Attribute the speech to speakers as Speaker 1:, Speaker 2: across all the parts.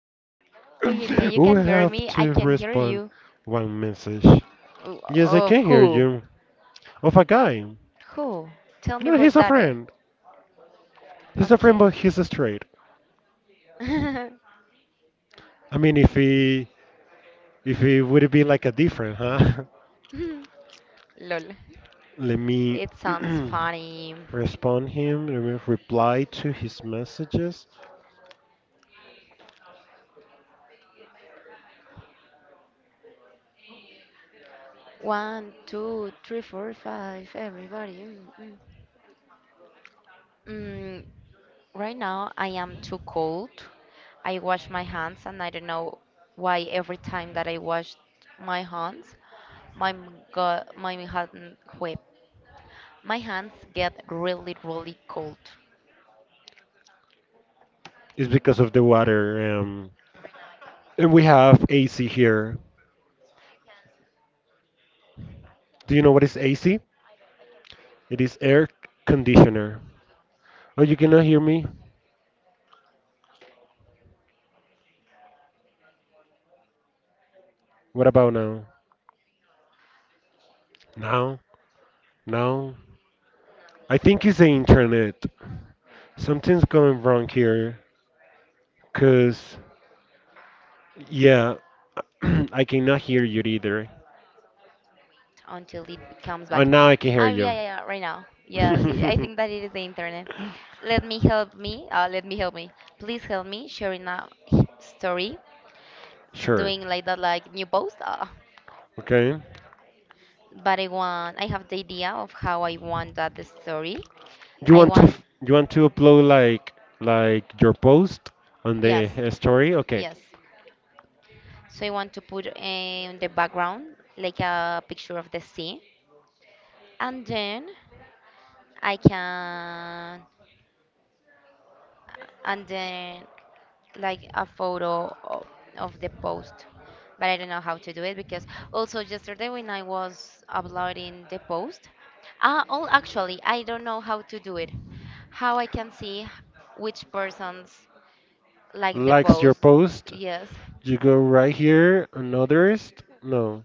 Speaker 1: hello, hello. You
Speaker 2: We
Speaker 1: can hear
Speaker 2: have
Speaker 1: me? I
Speaker 2: to
Speaker 1: can hear
Speaker 2: respond
Speaker 1: you.
Speaker 2: one message.
Speaker 1: O-
Speaker 2: Yes, I
Speaker 1: Of
Speaker 2: can hear
Speaker 1: who?
Speaker 2: you. Of a guy.
Speaker 1: Who? Tell me
Speaker 2: No, he's
Speaker 1: about
Speaker 2: a
Speaker 1: that. Eh?
Speaker 2: friend. He's a friend,
Speaker 1: Okay.
Speaker 2: but he's straight. I mean, if he would be like a different, huh?
Speaker 1: Lol.
Speaker 2: Let me
Speaker 1: It sounds funny.
Speaker 2: respond him. Let me reply to his messages.
Speaker 1: One, two, three, four, five. Everybody. Mm. Mm, right now I am too cold. I wash my hands, and I don't know why every time that I wash my hands, my m- go my hand wet. My hands get really, really cold.
Speaker 2: It's because of the water.
Speaker 1: Right now, I can
Speaker 2: And
Speaker 1: listen
Speaker 2: we
Speaker 1: you.
Speaker 2: have AC here.
Speaker 1: You can. I
Speaker 2: Do
Speaker 1: can't
Speaker 2: you know what
Speaker 1: hear
Speaker 2: is
Speaker 1: you.
Speaker 2: AC?
Speaker 1: I don't, I can hear you.
Speaker 2: It is air
Speaker 1: Look,
Speaker 2: conditioner.
Speaker 1: look, look. I can hear
Speaker 2: Oh, you
Speaker 1: you.
Speaker 2: cannot hear me?
Speaker 1: I can hear you.
Speaker 2: What about now?
Speaker 1: No,
Speaker 2: Now? Now? I
Speaker 1: nothing.
Speaker 2: think it's the internet. Something's going wrong
Speaker 1: Fuck the
Speaker 2: here.
Speaker 1: internet.
Speaker 2: Cause, yeah, I cannot hear you either.
Speaker 1: No, so we have to wait until it comes back.
Speaker 2: Oh, now I can
Speaker 1: Ah,
Speaker 2: hear
Speaker 1: yeah,
Speaker 2: you.
Speaker 1: yeah, yeah. Right now. Yeah. See, I think that it is the internet. Let me help me. Please help me sharing a story
Speaker 2: Sure.
Speaker 1: doing like that, like new post,
Speaker 2: Okay.
Speaker 1: but I have the idea of how I want that story
Speaker 2: You
Speaker 1: I
Speaker 2: want to
Speaker 1: want.
Speaker 2: f- you want to upload like your post on
Speaker 1: Yes,
Speaker 2: the story? Okay.
Speaker 1: yes, so I want to put in the background like a picture of the sea, and then I can, and then like a photo of the post, but I don't know how to do it, because also yesterday when I was uploading the post, oh, actually I don't know how to do it, how I can see which persons like the
Speaker 2: Likes your
Speaker 1: post.
Speaker 2: post.
Speaker 1: Yes.
Speaker 2: You go right here on others. No.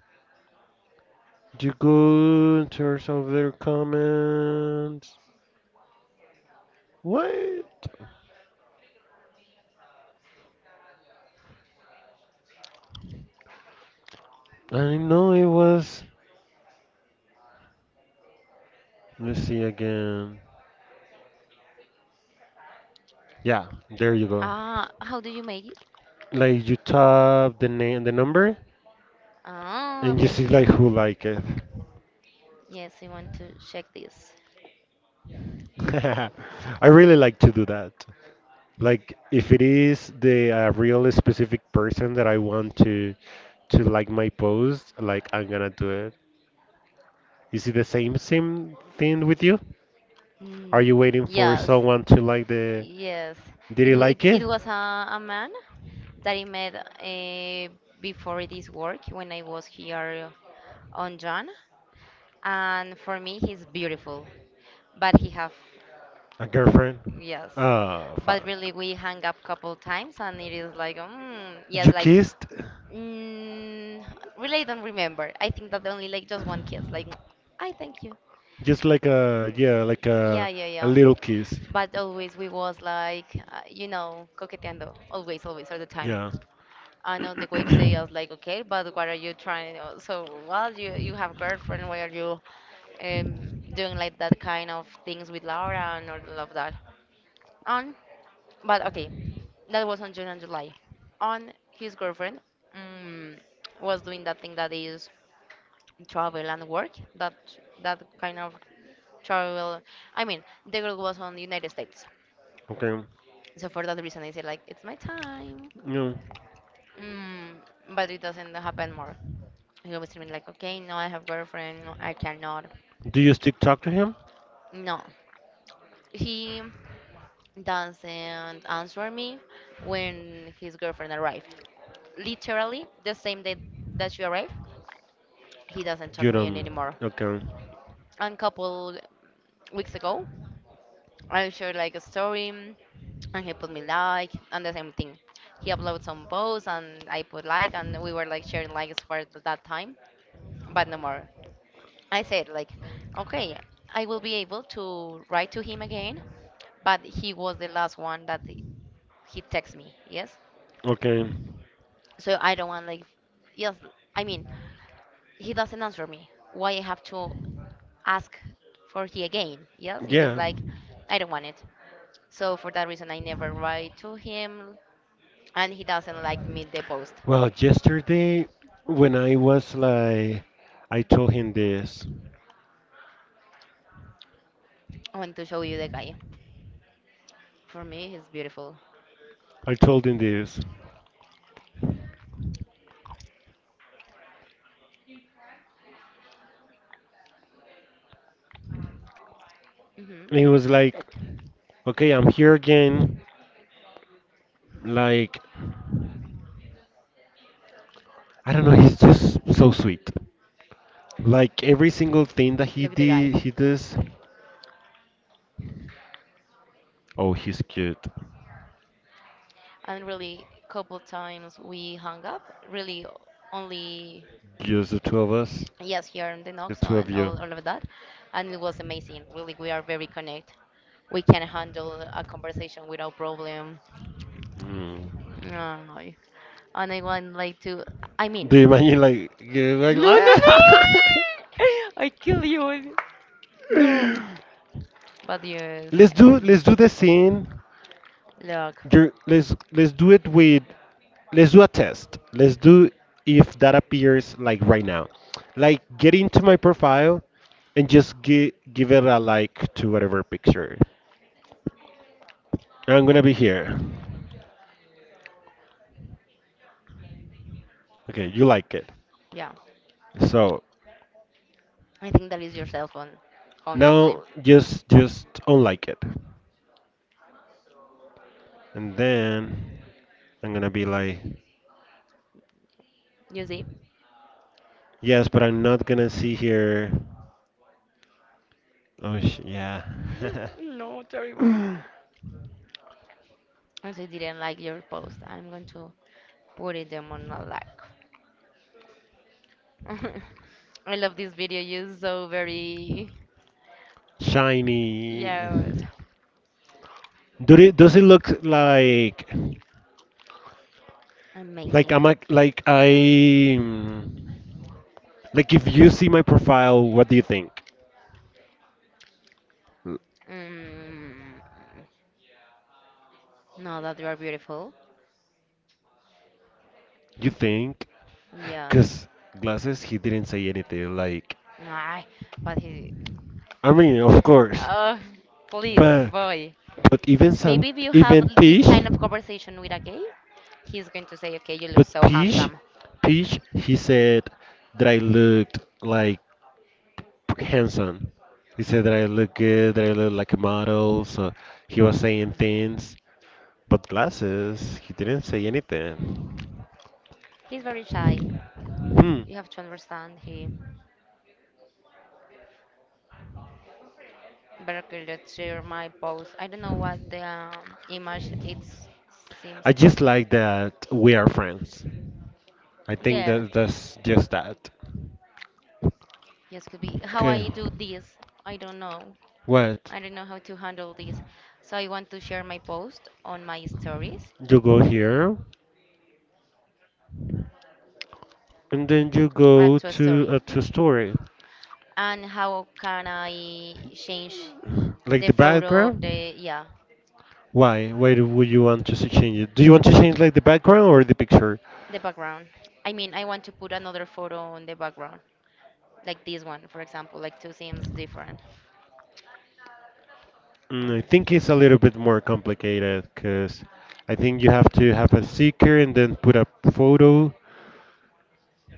Speaker 2: Did you go in terms of their comments? What? I know it was. Let's see again. Yeah, there you go.
Speaker 1: Ah, how do you make it?
Speaker 2: Like you tap the name, the number,
Speaker 1: Ah,
Speaker 2: and you see
Speaker 1: thank you.
Speaker 2: like who like it.
Speaker 1: Yes, I want to check this.
Speaker 2: I really like to do that. Like if it is the real specific person that I want to like my post, like I'm gonna do it. Is it the same thing with you? Are you
Speaker 1: mm,
Speaker 2: waiting for
Speaker 1: yes.
Speaker 2: someone to like the.
Speaker 1: Yes,
Speaker 2: Did you
Speaker 1: it,
Speaker 2: like it?
Speaker 1: it was a man that I met before this work when I was here on John, and for me he's beautiful, but he have.
Speaker 2: A girlfriend?
Speaker 1: Yes,
Speaker 2: Ah,
Speaker 1: but
Speaker 2: fuck.
Speaker 1: really we hang up couple times and it is like, yes,
Speaker 2: You
Speaker 1: like
Speaker 2: kissed?
Speaker 1: mm, really I don't remember. I think that only like just one kiss, like I thank you.
Speaker 2: Just like a, yeah, like a,
Speaker 1: Yeah, yeah,
Speaker 2: a
Speaker 1: yeah,
Speaker 2: little kiss.
Speaker 1: but always we was like, you know, coqueteando always, always, all the time.
Speaker 2: Yeah.
Speaker 1: I know the wife say us like, okay, but what are you trying? So, well, you have girlfriend. Why are you um, doing like that kind of things with Laura and all of that? On, but okay, that was on June and July. On his girlfriend um, was doing that thing that is travel and work. That, that kind of travel. I mean, the girl was on the United States,
Speaker 2: Okay.
Speaker 1: so for that reason, I said like, it's my time.
Speaker 2: Yeah.
Speaker 1: Mm, but it doesn't happen more. He always told me like, okay, no, I have girlfriend, no, I cannot.
Speaker 2: Do you still talk to him?
Speaker 1: No, he doesn't answer me when his girlfriend arrive. Literally the same day that she arrived, he doesn't
Speaker 2: You
Speaker 1: talk me
Speaker 2: don't.
Speaker 1: anymore.
Speaker 2: Okay.
Speaker 1: And couple weeks ago, I shared like a story, and he put me like, and the same thing. He uploaded some posts, and I put like, and we were like sharing likes for that time, but no more. I said like, okay, I will be able to write to him again, but he was the last one that he texts me, yes.
Speaker 2: Okay.
Speaker 1: So I don't want like, yes, I mean, he doesn't answer me, why I have to ask for he again? Yes, it is
Speaker 2: Yeah.
Speaker 1: like I don't want it, so for that reason I never write to him, and he doesn't like me the post.
Speaker 2: Well, yesterday when I was like, I told him this.
Speaker 1: I want to show you the guy, for me he's beautiful.
Speaker 2: I told him this.
Speaker 1: Hmm.
Speaker 2: And he was like, okay, I'm here again. Like, I don't know, he's just so sweet. Like every single thing that he
Speaker 1: Look at the guy.
Speaker 2: did, he does. Oh, he's cute.
Speaker 1: And really couple times we hung up, really only.
Speaker 2: Just the two of us,
Speaker 1: Yes, here in the
Speaker 2: the
Speaker 1: Noxo
Speaker 2: two of
Speaker 1: and
Speaker 2: you.
Speaker 1: all of that. And it was amazing. Really, we are very connected. We can handle a conversation without problem.
Speaker 2: Mm.
Speaker 1: Oh, no, and I want like to, I
Speaker 2: Do you
Speaker 1: mean, like,
Speaker 2: imagine like you're like
Speaker 1: but yes,
Speaker 2: let's do
Speaker 1: it's,
Speaker 2: let's do the scene.
Speaker 1: look,
Speaker 2: You're, let's do it with. Let's do a test. Let's do if that appears like right now. Like get into my profile and just give it a like to whatever picture. I'm gonna be here. Okay, you like it.
Speaker 1: yeah.
Speaker 2: So
Speaker 1: I think that is your cell phone, no? Honestly.
Speaker 2: now just unlike it. And then I'm gonna be like,
Speaker 1: You see?
Speaker 2: yes, but I'm not gonna see here. Oh yeah,
Speaker 1: No, terrible. If they didn't like your post, I'm going to put it them on a like. I love this video. You're so very,
Speaker 2: shiny.
Speaker 1: yes.
Speaker 2: Do it? Does it look like
Speaker 1: Amazing.
Speaker 2: I'm a, like I? Like if you see my profile, what do you think? L-
Speaker 1: Mm, no, that you are beautiful.
Speaker 2: You think?
Speaker 1: Yeah.
Speaker 2: Cause glasses, he didn't say anything. Like
Speaker 1: Ay, but he.
Speaker 2: I mean, of course,
Speaker 1: Oh, please,
Speaker 2: but
Speaker 1: boy.
Speaker 2: but even some
Speaker 1: Maybe if you have
Speaker 2: even
Speaker 1: this
Speaker 2: Peach,
Speaker 1: kind of conversation with a gay, he's going to say, okay, you look
Speaker 2: but
Speaker 1: so
Speaker 2: Peach,
Speaker 1: handsome.
Speaker 2: Peach, he said that I looked like handsome. He said that I look good, that I look like a model. So he was saying things, but glasses, he didn't say anything.
Speaker 1: He's very shy.
Speaker 2: Hmm.
Speaker 1: You have to understand. He better could let's share my post. I don't know what the image it seems
Speaker 2: I
Speaker 1: to.
Speaker 2: just like that we are friends. I think
Speaker 1: Yeah,
Speaker 2: that that's just that.
Speaker 1: yes, could be. How
Speaker 2: Okay.
Speaker 1: I do this, I don't know.
Speaker 2: What?
Speaker 1: I don't know how to handle this. So I want to share my post on my stories,
Speaker 2: You go here, and then you
Speaker 1: add
Speaker 2: go
Speaker 1: to a
Speaker 2: to
Speaker 1: story.
Speaker 2: a two-story,
Speaker 1: And how can I change
Speaker 2: like
Speaker 1: the
Speaker 2: the
Speaker 1: photo of
Speaker 2: background.
Speaker 1: the, yeah,
Speaker 2: Why? Would you want to change it? Do you want to change like the background or the picture?
Speaker 1: the background? I mean, I want to put another photo on the background, like this one, for example, like two seems different.
Speaker 2: Mm,
Speaker 1: Um,
Speaker 2: I think it's a little bit more complicated because I think you have to have a seeker and then put a photo.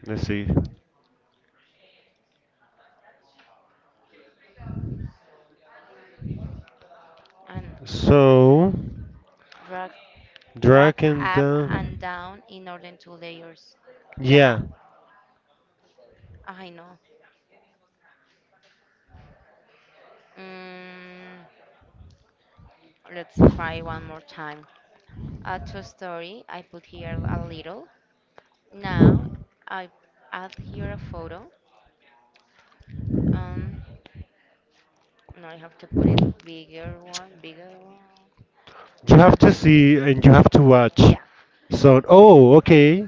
Speaker 2: Let's see.
Speaker 1: and
Speaker 2: So
Speaker 1: drag, drag
Speaker 2: drag and
Speaker 1: up and
Speaker 2: down.
Speaker 1: down in order to layers.
Speaker 2: Yeah.
Speaker 1: Yeah, I know. Mm, let's try one more time. A true story, I put here a little. Now I add here a photo. Um, no, I have to put it bigger one, bigger one.
Speaker 2: You
Speaker 1: No,
Speaker 2: have to see and you have to watch.
Speaker 1: yeah.
Speaker 2: So, oh, okay.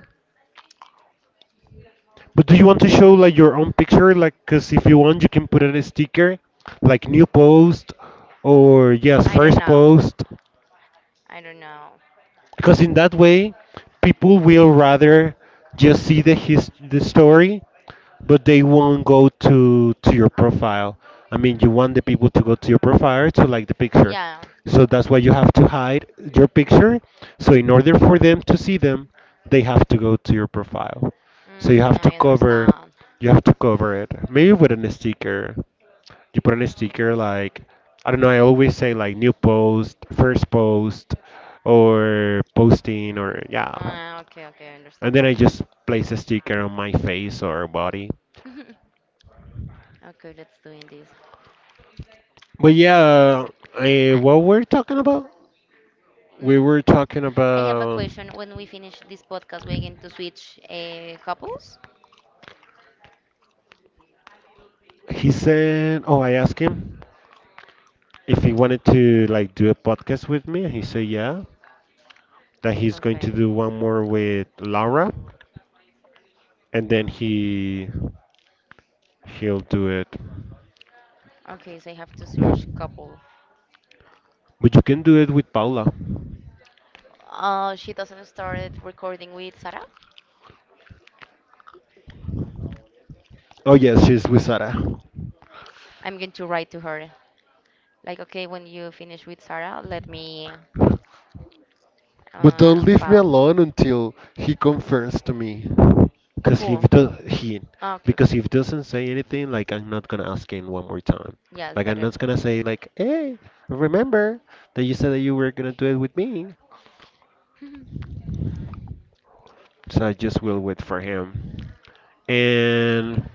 Speaker 2: But do you want to show like your own picture? Like, cause if you want, you can put in a sticker, like new post, or yes,
Speaker 1: I don't
Speaker 2: first
Speaker 1: know.
Speaker 2: post.
Speaker 1: I don't know.
Speaker 2: Because in that way people will rather just see the story, but they won't go to your profile. I mean, you want the people to go to your profile to like the picture,
Speaker 1: Yeah.
Speaker 2: so that's why you have to hide your picture. So in order for them to see them, they have to go to your profile. So you have to
Speaker 1: I
Speaker 2: cover
Speaker 1: understand.
Speaker 2: you have to cover it maybe with a sticker. You put on a sticker like, I don't know. I always say like new post, first post, or posting, or yeah.
Speaker 1: Okay, okay, I
Speaker 2: And
Speaker 1: understand
Speaker 2: then I just place a sticker on my face or body.
Speaker 1: you. Okay, let's doing this.
Speaker 2: But yeah,
Speaker 1: I,
Speaker 2: what we're talking about? We
Speaker 1: mm,
Speaker 2: were talking
Speaker 1: I have a
Speaker 2: about.
Speaker 1: question. When we finish this podcast, we're going to switch couples?
Speaker 2: He said, "Oh, I asked him if he wanted to like do a podcast with me, and he said yeah, that he's going to
Speaker 1: Okay.
Speaker 2: do one more with Laura, and then he'll do it."
Speaker 1: Okay, so I have to search couple.
Speaker 2: But you can do it with Paula.
Speaker 1: She doesn't started recording with Sarah,
Speaker 2: Oh yes, she's with Sarah.
Speaker 1: I'm going to write to her like, okay, when you finish with Sarah, let me
Speaker 2: But don't leave me
Speaker 1: bow.
Speaker 2: alone until he confirms to me. Cause if
Speaker 1: Who?
Speaker 2: do he,
Speaker 1: Ah, okay, okay.
Speaker 2: because if doesn't say anything, like I'm not gonna ask him one more time.
Speaker 1: Yeah, it's
Speaker 2: Like I'm
Speaker 1: better.
Speaker 2: not gonna say like, hey, remember that you said that you were gonna do it with me. So I just will wait for him. And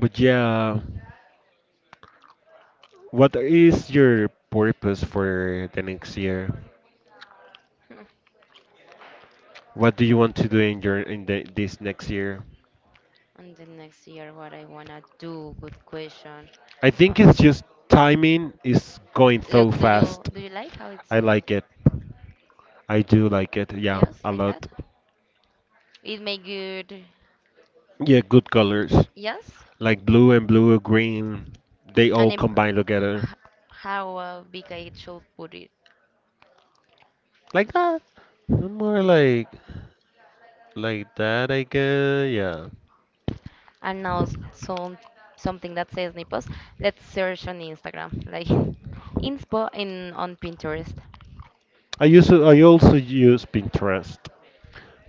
Speaker 2: but yeah, what is your purpose for the next year? What do you want to do in your this next year?
Speaker 1: And the next year, what I wanna do? Good question.
Speaker 2: I think it's just timing is going
Speaker 1: Look,
Speaker 2: so fast.
Speaker 1: do you like how it
Speaker 2: I
Speaker 1: say?
Speaker 2: like it. I do like it. Yeah,
Speaker 1: Yes,
Speaker 2: a
Speaker 1: like that.
Speaker 2: lot.
Speaker 1: It may good.
Speaker 2: Yeah, good colors.
Speaker 1: Yes,
Speaker 2: Like blue and blue, green, they all
Speaker 1: and
Speaker 2: combine together.
Speaker 1: h- how big I should put it.
Speaker 2: Like that. More like that, I guess. Yeah.
Speaker 1: And now some something that says nipples, let's search on instagram, like inspo in on pinterest
Speaker 2: I also use Pinterest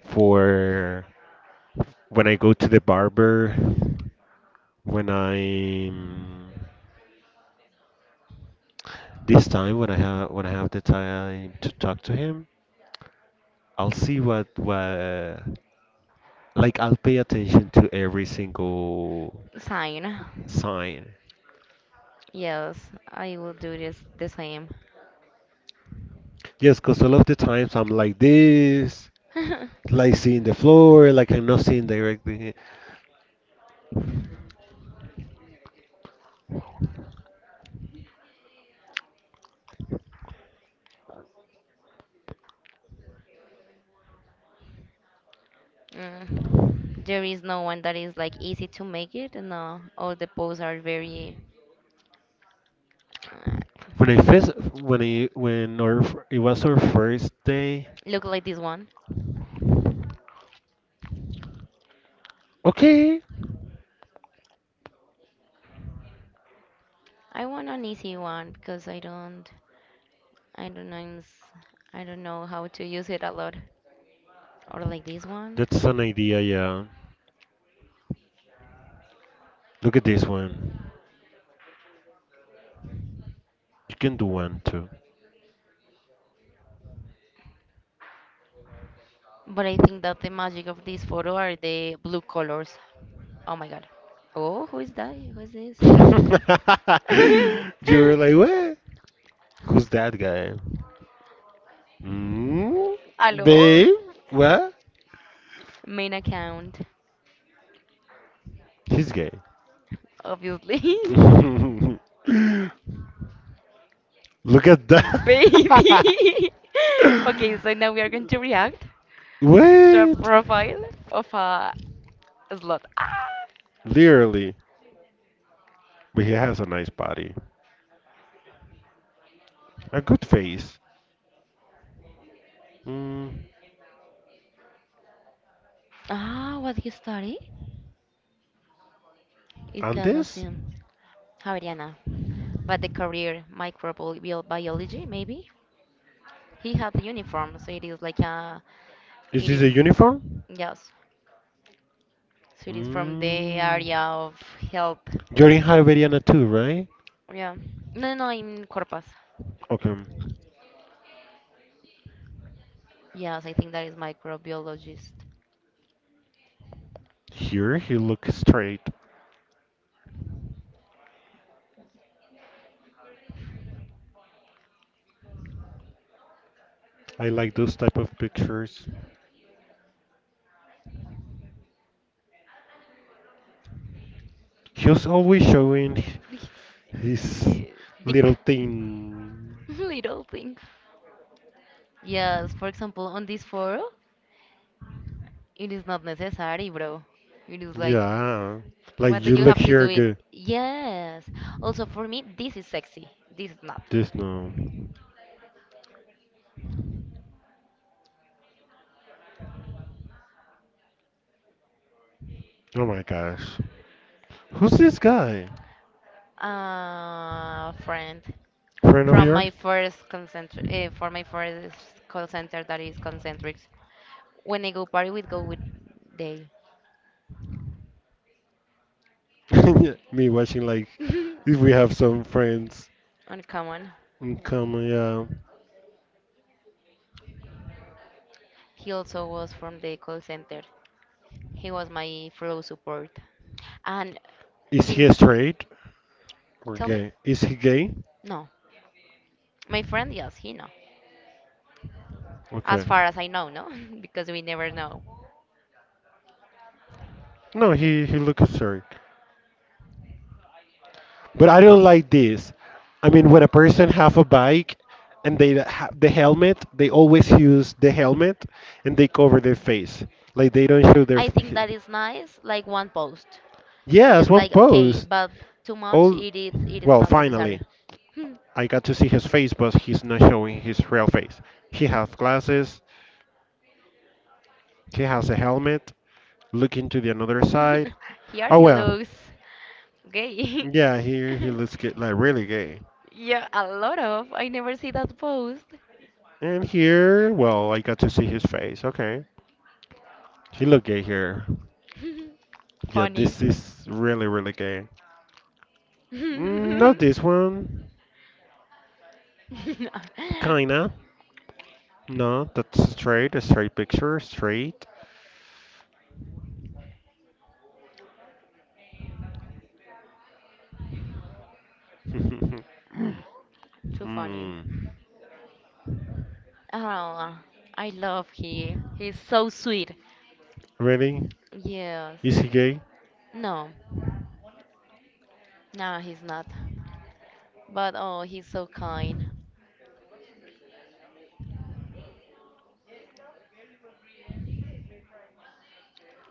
Speaker 2: for when I go to the barber, when I when I have the time to talk to him. I'll see what like I'll pay attention to every single
Speaker 1: sign.
Speaker 2: sign.
Speaker 1: Yes, I will do this the same.
Speaker 2: Yes, because a lot of the times I'm like this, like seeing the floor, like I'm not seeing directly.
Speaker 1: Mm. There is no one that is like easy to make it. No, all the posts are very uh,
Speaker 2: When I first, when I, It was our first day.
Speaker 1: look like this one.
Speaker 2: Okay,
Speaker 1: I want an easy one because I don't know I don't know how to use it a lot, or like this one.
Speaker 2: that's an idea. Yeah, look at this one. You can do one too.
Speaker 1: But I think that the magic of this photo are the blue colors. Oh my god. Oh, who is that? Who is this?
Speaker 2: You were like, what? Who's that guy? Mm?
Speaker 1: Hello?
Speaker 2: Babe, what?
Speaker 1: Main account,
Speaker 2: He's gay.
Speaker 1: obviously.
Speaker 2: Look at that.
Speaker 1: Baby! Okay, so now we are going to react to a
Speaker 2: What?
Speaker 1: profile of a slot. Ah,
Speaker 2: Literally. But he has a nice body. A good face. Mm.
Speaker 1: ah, what you study? It
Speaker 2: And
Speaker 1: cannot
Speaker 2: this?
Speaker 1: seem Javeriana, but the career microbial biology maybe. He had the uniform, so it is like a,
Speaker 2: Is
Speaker 1: it
Speaker 2: this a
Speaker 1: is,
Speaker 2: uniform?
Speaker 1: yes. So it is from the
Speaker 2: Mm.
Speaker 1: area of health.
Speaker 2: You're in Hiberniana too, right?
Speaker 1: Yeah. No, no, I'm Corpus.
Speaker 2: Okay.
Speaker 1: Yes, I think that is microbiologist.
Speaker 2: Here he looks straight. I like those type of pictures. He was always showing
Speaker 1: It's,
Speaker 2: his little
Speaker 1: dick.
Speaker 2: thing.
Speaker 1: Little thing. Yes, for example, on this forum, it is not necessary, bro. It is like, yeah.
Speaker 2: Yeah.
Speaker 1: Like
Speaker 2: Like
Speaker 1: what do
Speaker 2: you
Speaker 1: you
Speaker 2: look
Speaker 1: have to
Speaker 2: here
Speaker 1: do it?
Speaker 2: good.
Speaker 1: Yes. Also, for me, this is sexy. This is not.
Speaker 2: This no. Oh my gosh. Who's this guy?
Speaker 1: Friend.
Speaker 2: Friend of
Speaker 1: From
Speaker 2: yours?
Speaker 1: my first concentric, for my first call center that is concentrics, when I go party we go with they.
Speaker 2: Yeah, me watching like
Speaker 1: You
Speaker 2: if we have some friends
Speaker 1: uncommon.
Speaker 2: in common. Yeah.
Speaker 1: He also was from the call center, he was my flow support, and
Speaker 2: Is he
Speaker 1: things.
Speaker 2: straight or
Speaker 1: Tell me.
Speaker 2: gay? Is he gay?
Speaker 1: No, my friend, yes he know. As
Speaker 2: Okay.
Speaker 1: far as I know, no. Because we never know.
Speaker 2: No, he looks straight. But I don't like this. I mean, when a person have a bike and they have the helmet, they always use the helmet and they cover their face, like they don't show their.
Speaker 1: I think that is nice, like one post. It
Speaker 2: Yes,
Speaker 1: is
Speaker 2: one
Speaker 1: like okay,
Speaker 2: post.
Speaker 1: but too much,
Speaker 2: All
Speaker 1: it is
Speaker 2: well,
Speaker 1: not necessary.
Speaker 2: finally, I got to see his face, but he's not showing his real face. He has glasses. He has a helmet. Looking to the another side.
Speaker 1: Here
Speaker 2: Oh
Speaker 1: he
Speaker 2: well,
Speaker 1: looks gay.
Speaker 2: yeah. Here he looks like really gay.
Speaker 1: Yeah, a lot of. I never see that post.
Speaker 2: And here, well, I got to see his face. Okay, he look gay here. Yeah,
Speaker 1: Funny.
Speaker 2: this is really really gay. Mm, not
Speaker 1: Too
Speaker 2: this one. Kinda. No, that's straight. A straight picture. Straight.
Speaker 1: funny.
Speaker 2: Hmm.
Speaker 1: Oh, I love he. He's so sweet.
Speaker 2: Really?
Speaker 1: Yes.
Speaker 2: Is he gay?
Speaker 1: No, no, he's not. But oh, he's so kind.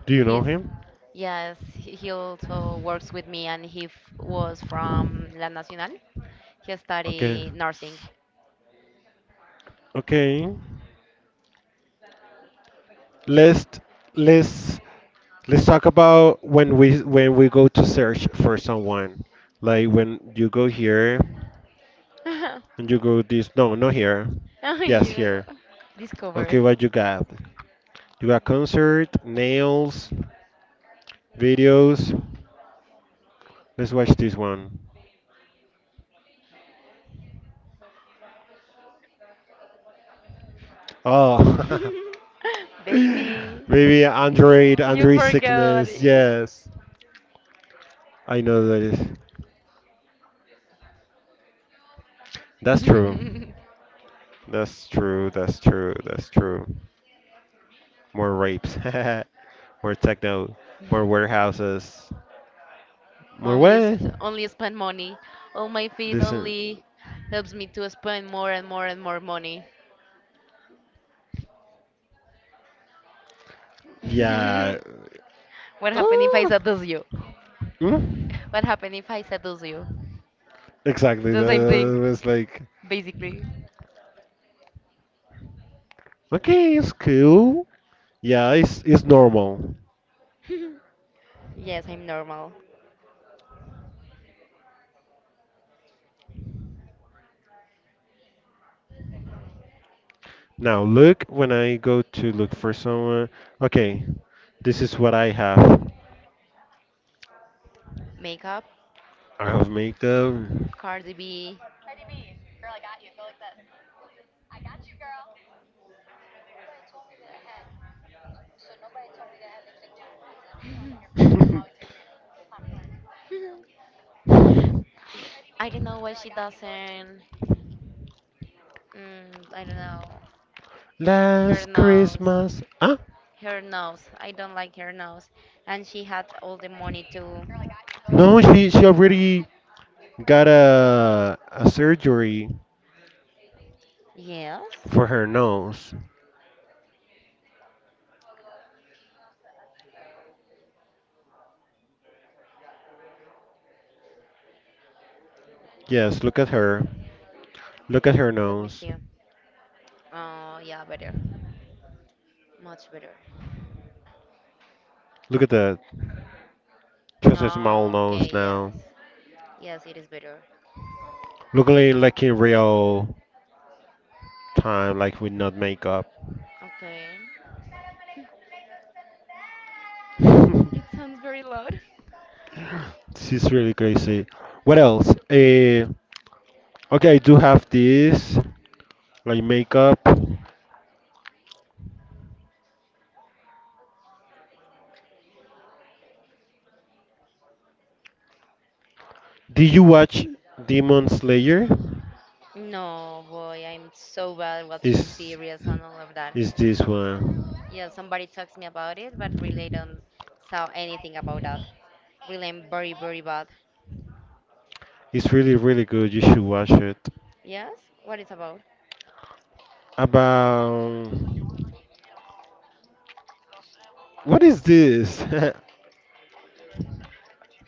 Speaker 2: Do you know
Speaker 1: He's,
Speaker 2: him?
Speaker 1: yes, he also works with me, and he f was from La Nacional. He
Speaker 2: Okay.
Speaker 1: studied nursing.
Speaker 2: Okay. Let's let's let's talk about when we go to search for someone. Like when you go here and you go this no, not here.
Speaker 1: Oh,
Speaker 2: Yes,
Speaker 1: yeah.
Speaker 2: here.
Speaker 1: Discover.
Speaker 2: Okay, what you got? You got concert, nails, videos. Let's watch this one. Oh,
Speaker 1: Baby.
Speaker 2: maybe Android,
Speaker 1: You
Speaker 2: Android
Speaker 1: forgot
Speaker 2: sickness.
Speaker 1: it.
Speaker 2: Yes, I know that is. That's true. That's true. That's true. That's true. More rapes. More techno. More warehouses. More what?
Speaker 1: Only spend money. All my feet
Speaker 2: This.
Speaker 1: only helps me to spend more and more and more money.
Speaker 2: Yeah.
Speaker 1: What happened if I
Speaker 2: Oh.
Speaker 1: seduce you?
Speaker 2: Mm,
Speaker 1: What happened if I seduce you?
Speaker 2: exactly.
Speaker 1: The same thing,
Speaker 2: That was like,
Speaker 1: basically.
Speaker 2: okay, it's cool. Yeah, it's normal.
Speaker 1: Yes, I'm normal.
Speaker 2: Now look when I go to look for someone. Okay, this is what I have.
Speaker 1: Makeup,
Speaker 2: I have makeup.
Speaker 1: Cardi B. Sh- I don't know why she doesn't. I don't know. Her
Speaker 2: Last
Speaker 1: nose.
Speaker 2: Christmas. Huh?
Speaker 1: Her nose. I don't like her nose. And she had all the money to.
Speaker 2: No, she already got a surgery
Speaker 1: Yes?
Speaker 2: for her nose. Yes, look at her. Look at her
Speaker 1: Let me
Speaker 2: nose.
Speaker 1: see. Oh, yeah, better. Much better.
Speaker 2: Look at that. She has a small
Speaker 1: Oh, okay,
Speaker 2: nose now.
Speaker 1: yes. Yes, it is better.
Speaker 2: Looking like in real time, like with not makeup.
Speaker 1: Okay. It sounds very loud.
Speaker 2: She's really crazy. What else? Okay, I do have this, like makeup. Did you watch Demon Slayer?
Speaker 1: No, boy, I'm so bad watching
Speaker 2: Is
Speaker 1: series and all of that.
Speaker 2: is this one?
Speaker 1: Yeah, somebody talks me about it, but really don't saw anything about that. Really, I'm very, very bad.
Speaker 2: It's really, really good. You should watch it.
Speaker 1: Yes? What it's about?
Speaker 2: About what is this?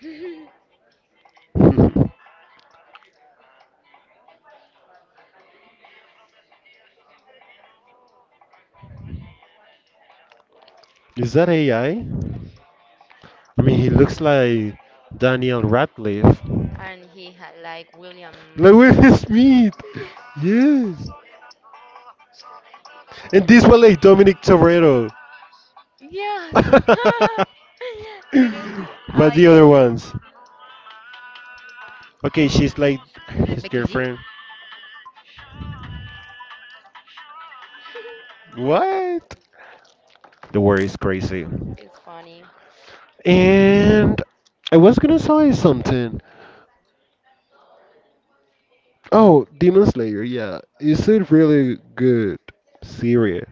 Speaker 2: Is that AI? I mean, he looks like Daniel Radcliffe.
Speaker 1: And he had like William.
Speaker 2: Like Will Smith. Yes. And this one like Dominic Toretto.
Speaker 1: Yes! You don't see. Ah,
Speaker 2: but the other
Speaker 1: I.
Speaker 2: ones. Okay, she's like his
Speaker 1: Becky G?
Speaker 2: girlfriend. What? The world is crazy.
Speaker 1: It's funny.
Speaker 2: And I was gonna say something. Oh, Demon Slayer, yeah. It's a really good series.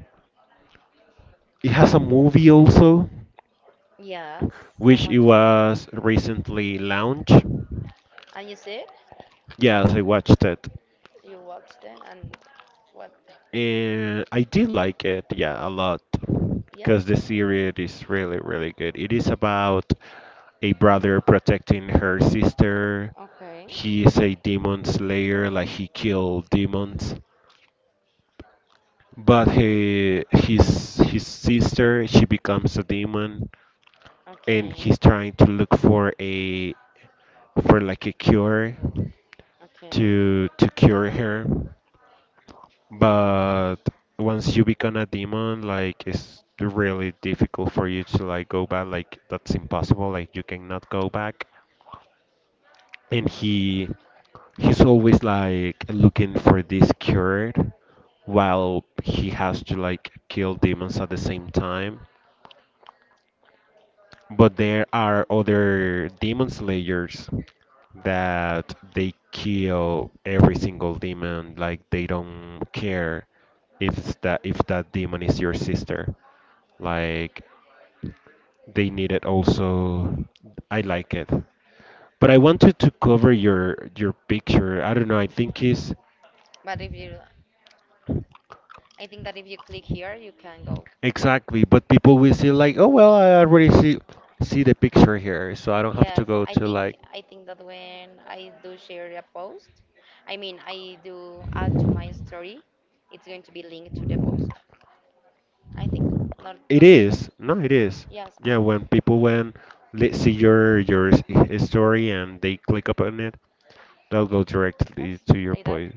Speaker 2: It has a movie also,
Speaker 1: Yes,
Speaker 2: which
Speaker 1: someone
Speaker 2: it
Speaker 1: told me.
Speaker 2: was recently launched.
Speaker 1: And you said
Speaker 2: Yes, I watched it.
Speaker 1: you watched it, and what?
Speaker 2: And I did like it, yeah, a lot.
Speaker 1: Yes?
Speaker 2: Because the series is really, really good. It is about a brother protecting her sister.
Speaker 1: Okay,
Speaker 2: He is a demon slayer, like he killed demons. But he, his sister, she becomes a demon, and
Speaker 1: okay,
Speaker 2: he's trying to look for a for like a cure
Speaker 1: okay.
Speaker 2: to cure her. But once you become a demon, like it's really difficult for you to like go back. Like that's impossible. Like you cannot go back. And he's always like looking for this cure, while he has to like kill demons at the same time. But there are other demon slayers that they kill every single demon, like they don't care if that demon is your sister. Like they need it also. I like it. But I wanted to cover your picture. I don't know. I think is
Speaker 1: But if you, I think that if you click here, you can go.
Speaker 2: exactly. But people will see like, oh well, I already see the picture here, so I don't have
Speaker 1: Yes,
Speaker 2: to go to like.
Speaker 1: I think that when I do share a post, I mean I do add to my story, it's going to be linked to the post. I think not, not.
Speaker 2: It is. No, it is.
Speaker 1: Yes, I
Speaker 2: Yeah,
Speaker 1: don't,
Speaker 2: when they see your story and they click upon it, they'll go
Speaker 1: yes,
Speaker 2: directly to your
Speaker 1: like that.
Speaker 2: point.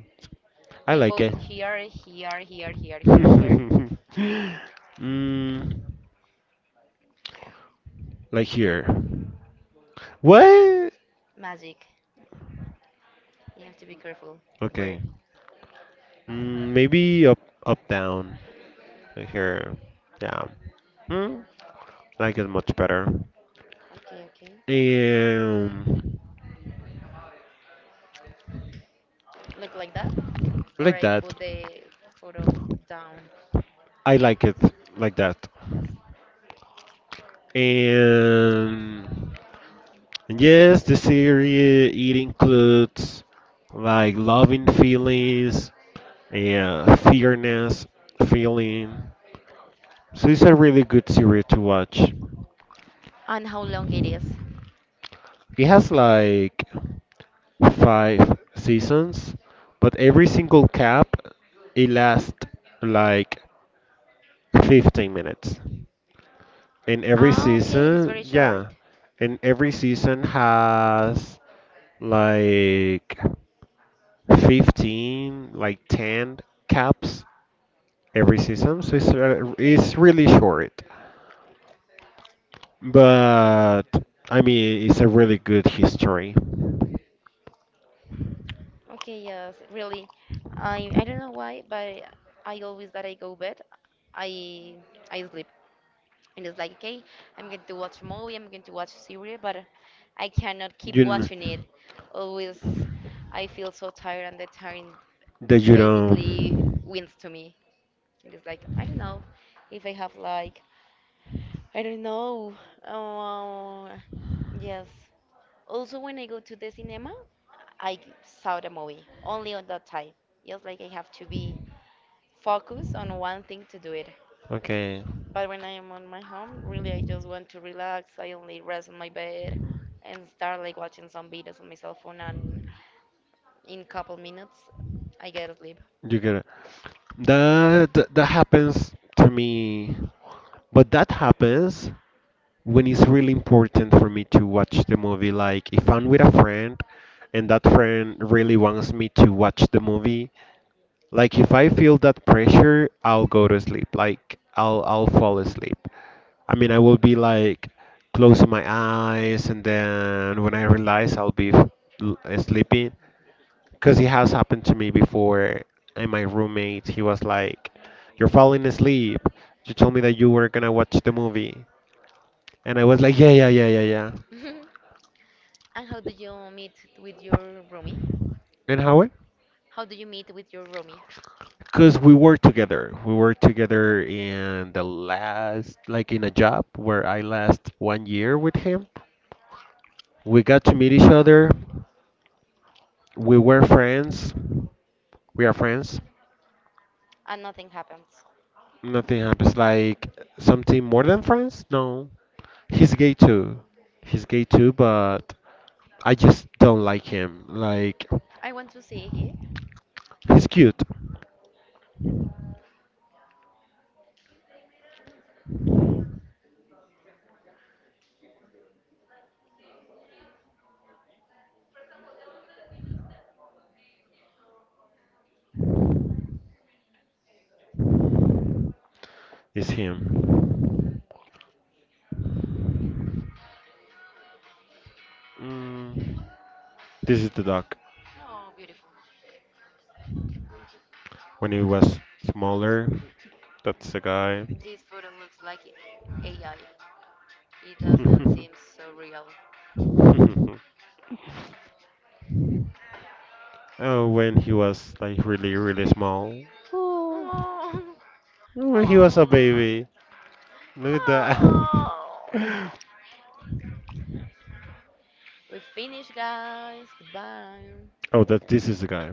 Speaker 2: I
Speaker 1: New
Speaker 2: like
Speaker 1: post
Speaker 2: it.
Speaker 1: here, here, here, here, here. Where
Speaker 2: mm, like here. What?
Speaker 1: magic? You have to be careful. Where?
Speaker 2: Okay. Mm, maybe up down. Like here. Yeah. Mm,
Speaker 1: Mm,
Speaker 2: like it much better.
Speaker 1: Okay, okay.
Speaker 2: Um,
Speaker 1: Look like that, or
Speaker 2: like
Speaker 1: I
Speaker 2: that.
Speaker 1: put the photo down.
Speaker 2: I like it like that.
Speaker 1: Yes.
Speaker 2: And and yes, the series it includes like loving feelings and fairness feeling. So it's a really good series to watch.
Speaker 1: And how long it is?
Speaker 2: It has like five seasons, but every single cap it lasts like 15 minutes. And every
Speaker 1: Ah, okay, it is very
Speaker 2: season, yeah,
Speaker 1: short.
Speaker 2: and every season has like 15, like 10 caps. Every season, so it's uh,
Speaker 1: Okay.
Speaker 2: it's really short. But I mean, it's a really good history.
Speaker 1: Okay, yes, really. I don't know why, but I always that I go bed, I I sleep. And it's like, okay, I'm going to watch a movie, I'm going to watch a series, but I cannot keep
Speaker 2: You kn-
Speaker 1: watching it. Always I feel so tired and the tiring
Speaker 2: that you don't.
Speaker 1: basically wins to me. And it's like, I don't know if I have like, I don't know. Oh, yes. Also, when I go to the cinema, I saw the movie only on that time. Just like I have to be focused on one thing to do it.
Speaker 2: Okay.
Speaker 1: But when I am on my home, really, I just want to relax. I only rest on my bed and start like watching some videos on my cell phone, and in couple minutes, I get asleep.
Speaker 2: You get it. That happens to me, but that happens when it's really important for me to watch the movie. Like if I'm with a friend and that friend really wants me to watch the movie, like if I feel that pressure, I'll go to sleep. Like I'll fall asleep. I mean, I will be like closing my eyes, and then when I realize I'll be sleeping, because it has happened to me before, and my roommate, he was like, you're falling asleep. You told me that you were gonna watch the movie. And I was like, yeah, yeah, yeah, yeah, yeah.
Speaker 1: And how do you meet with your roomie?
Speaker 2: And how.
Speaker 1: How do you meet with your roomie?
Speaker 2: Because we were together. We were together in the last, like in a job where I last 1 year with him. We got to meet each other. We were friends. We are friends.
Speaker 1: And nothing happens.
Speaker 2: Nothing happens like something more than friends? No. He's gay too. He's gay too, but I just don't like him. Like
Speaker 1: I want to see here.
Speaker 2: he's cute, is him. Mm, this is the dog.
Speaker 1: Oh, beautiful.
Speaker 2: When he was smaller, that's the guy.
Speaker 1: This photo looks like AI. It doesn't seem so real.
Speaker 2: Oh, when he was like really, really small. Oh,
Speaker 1: Oh,
Speaker 2: when he was a baby. Look at
Speaker 1: oh,
Speaker 2: that.
Speaker 1: oh. We finished, guys. Goodbye.
Speaker 2: Oh, that this is the guy.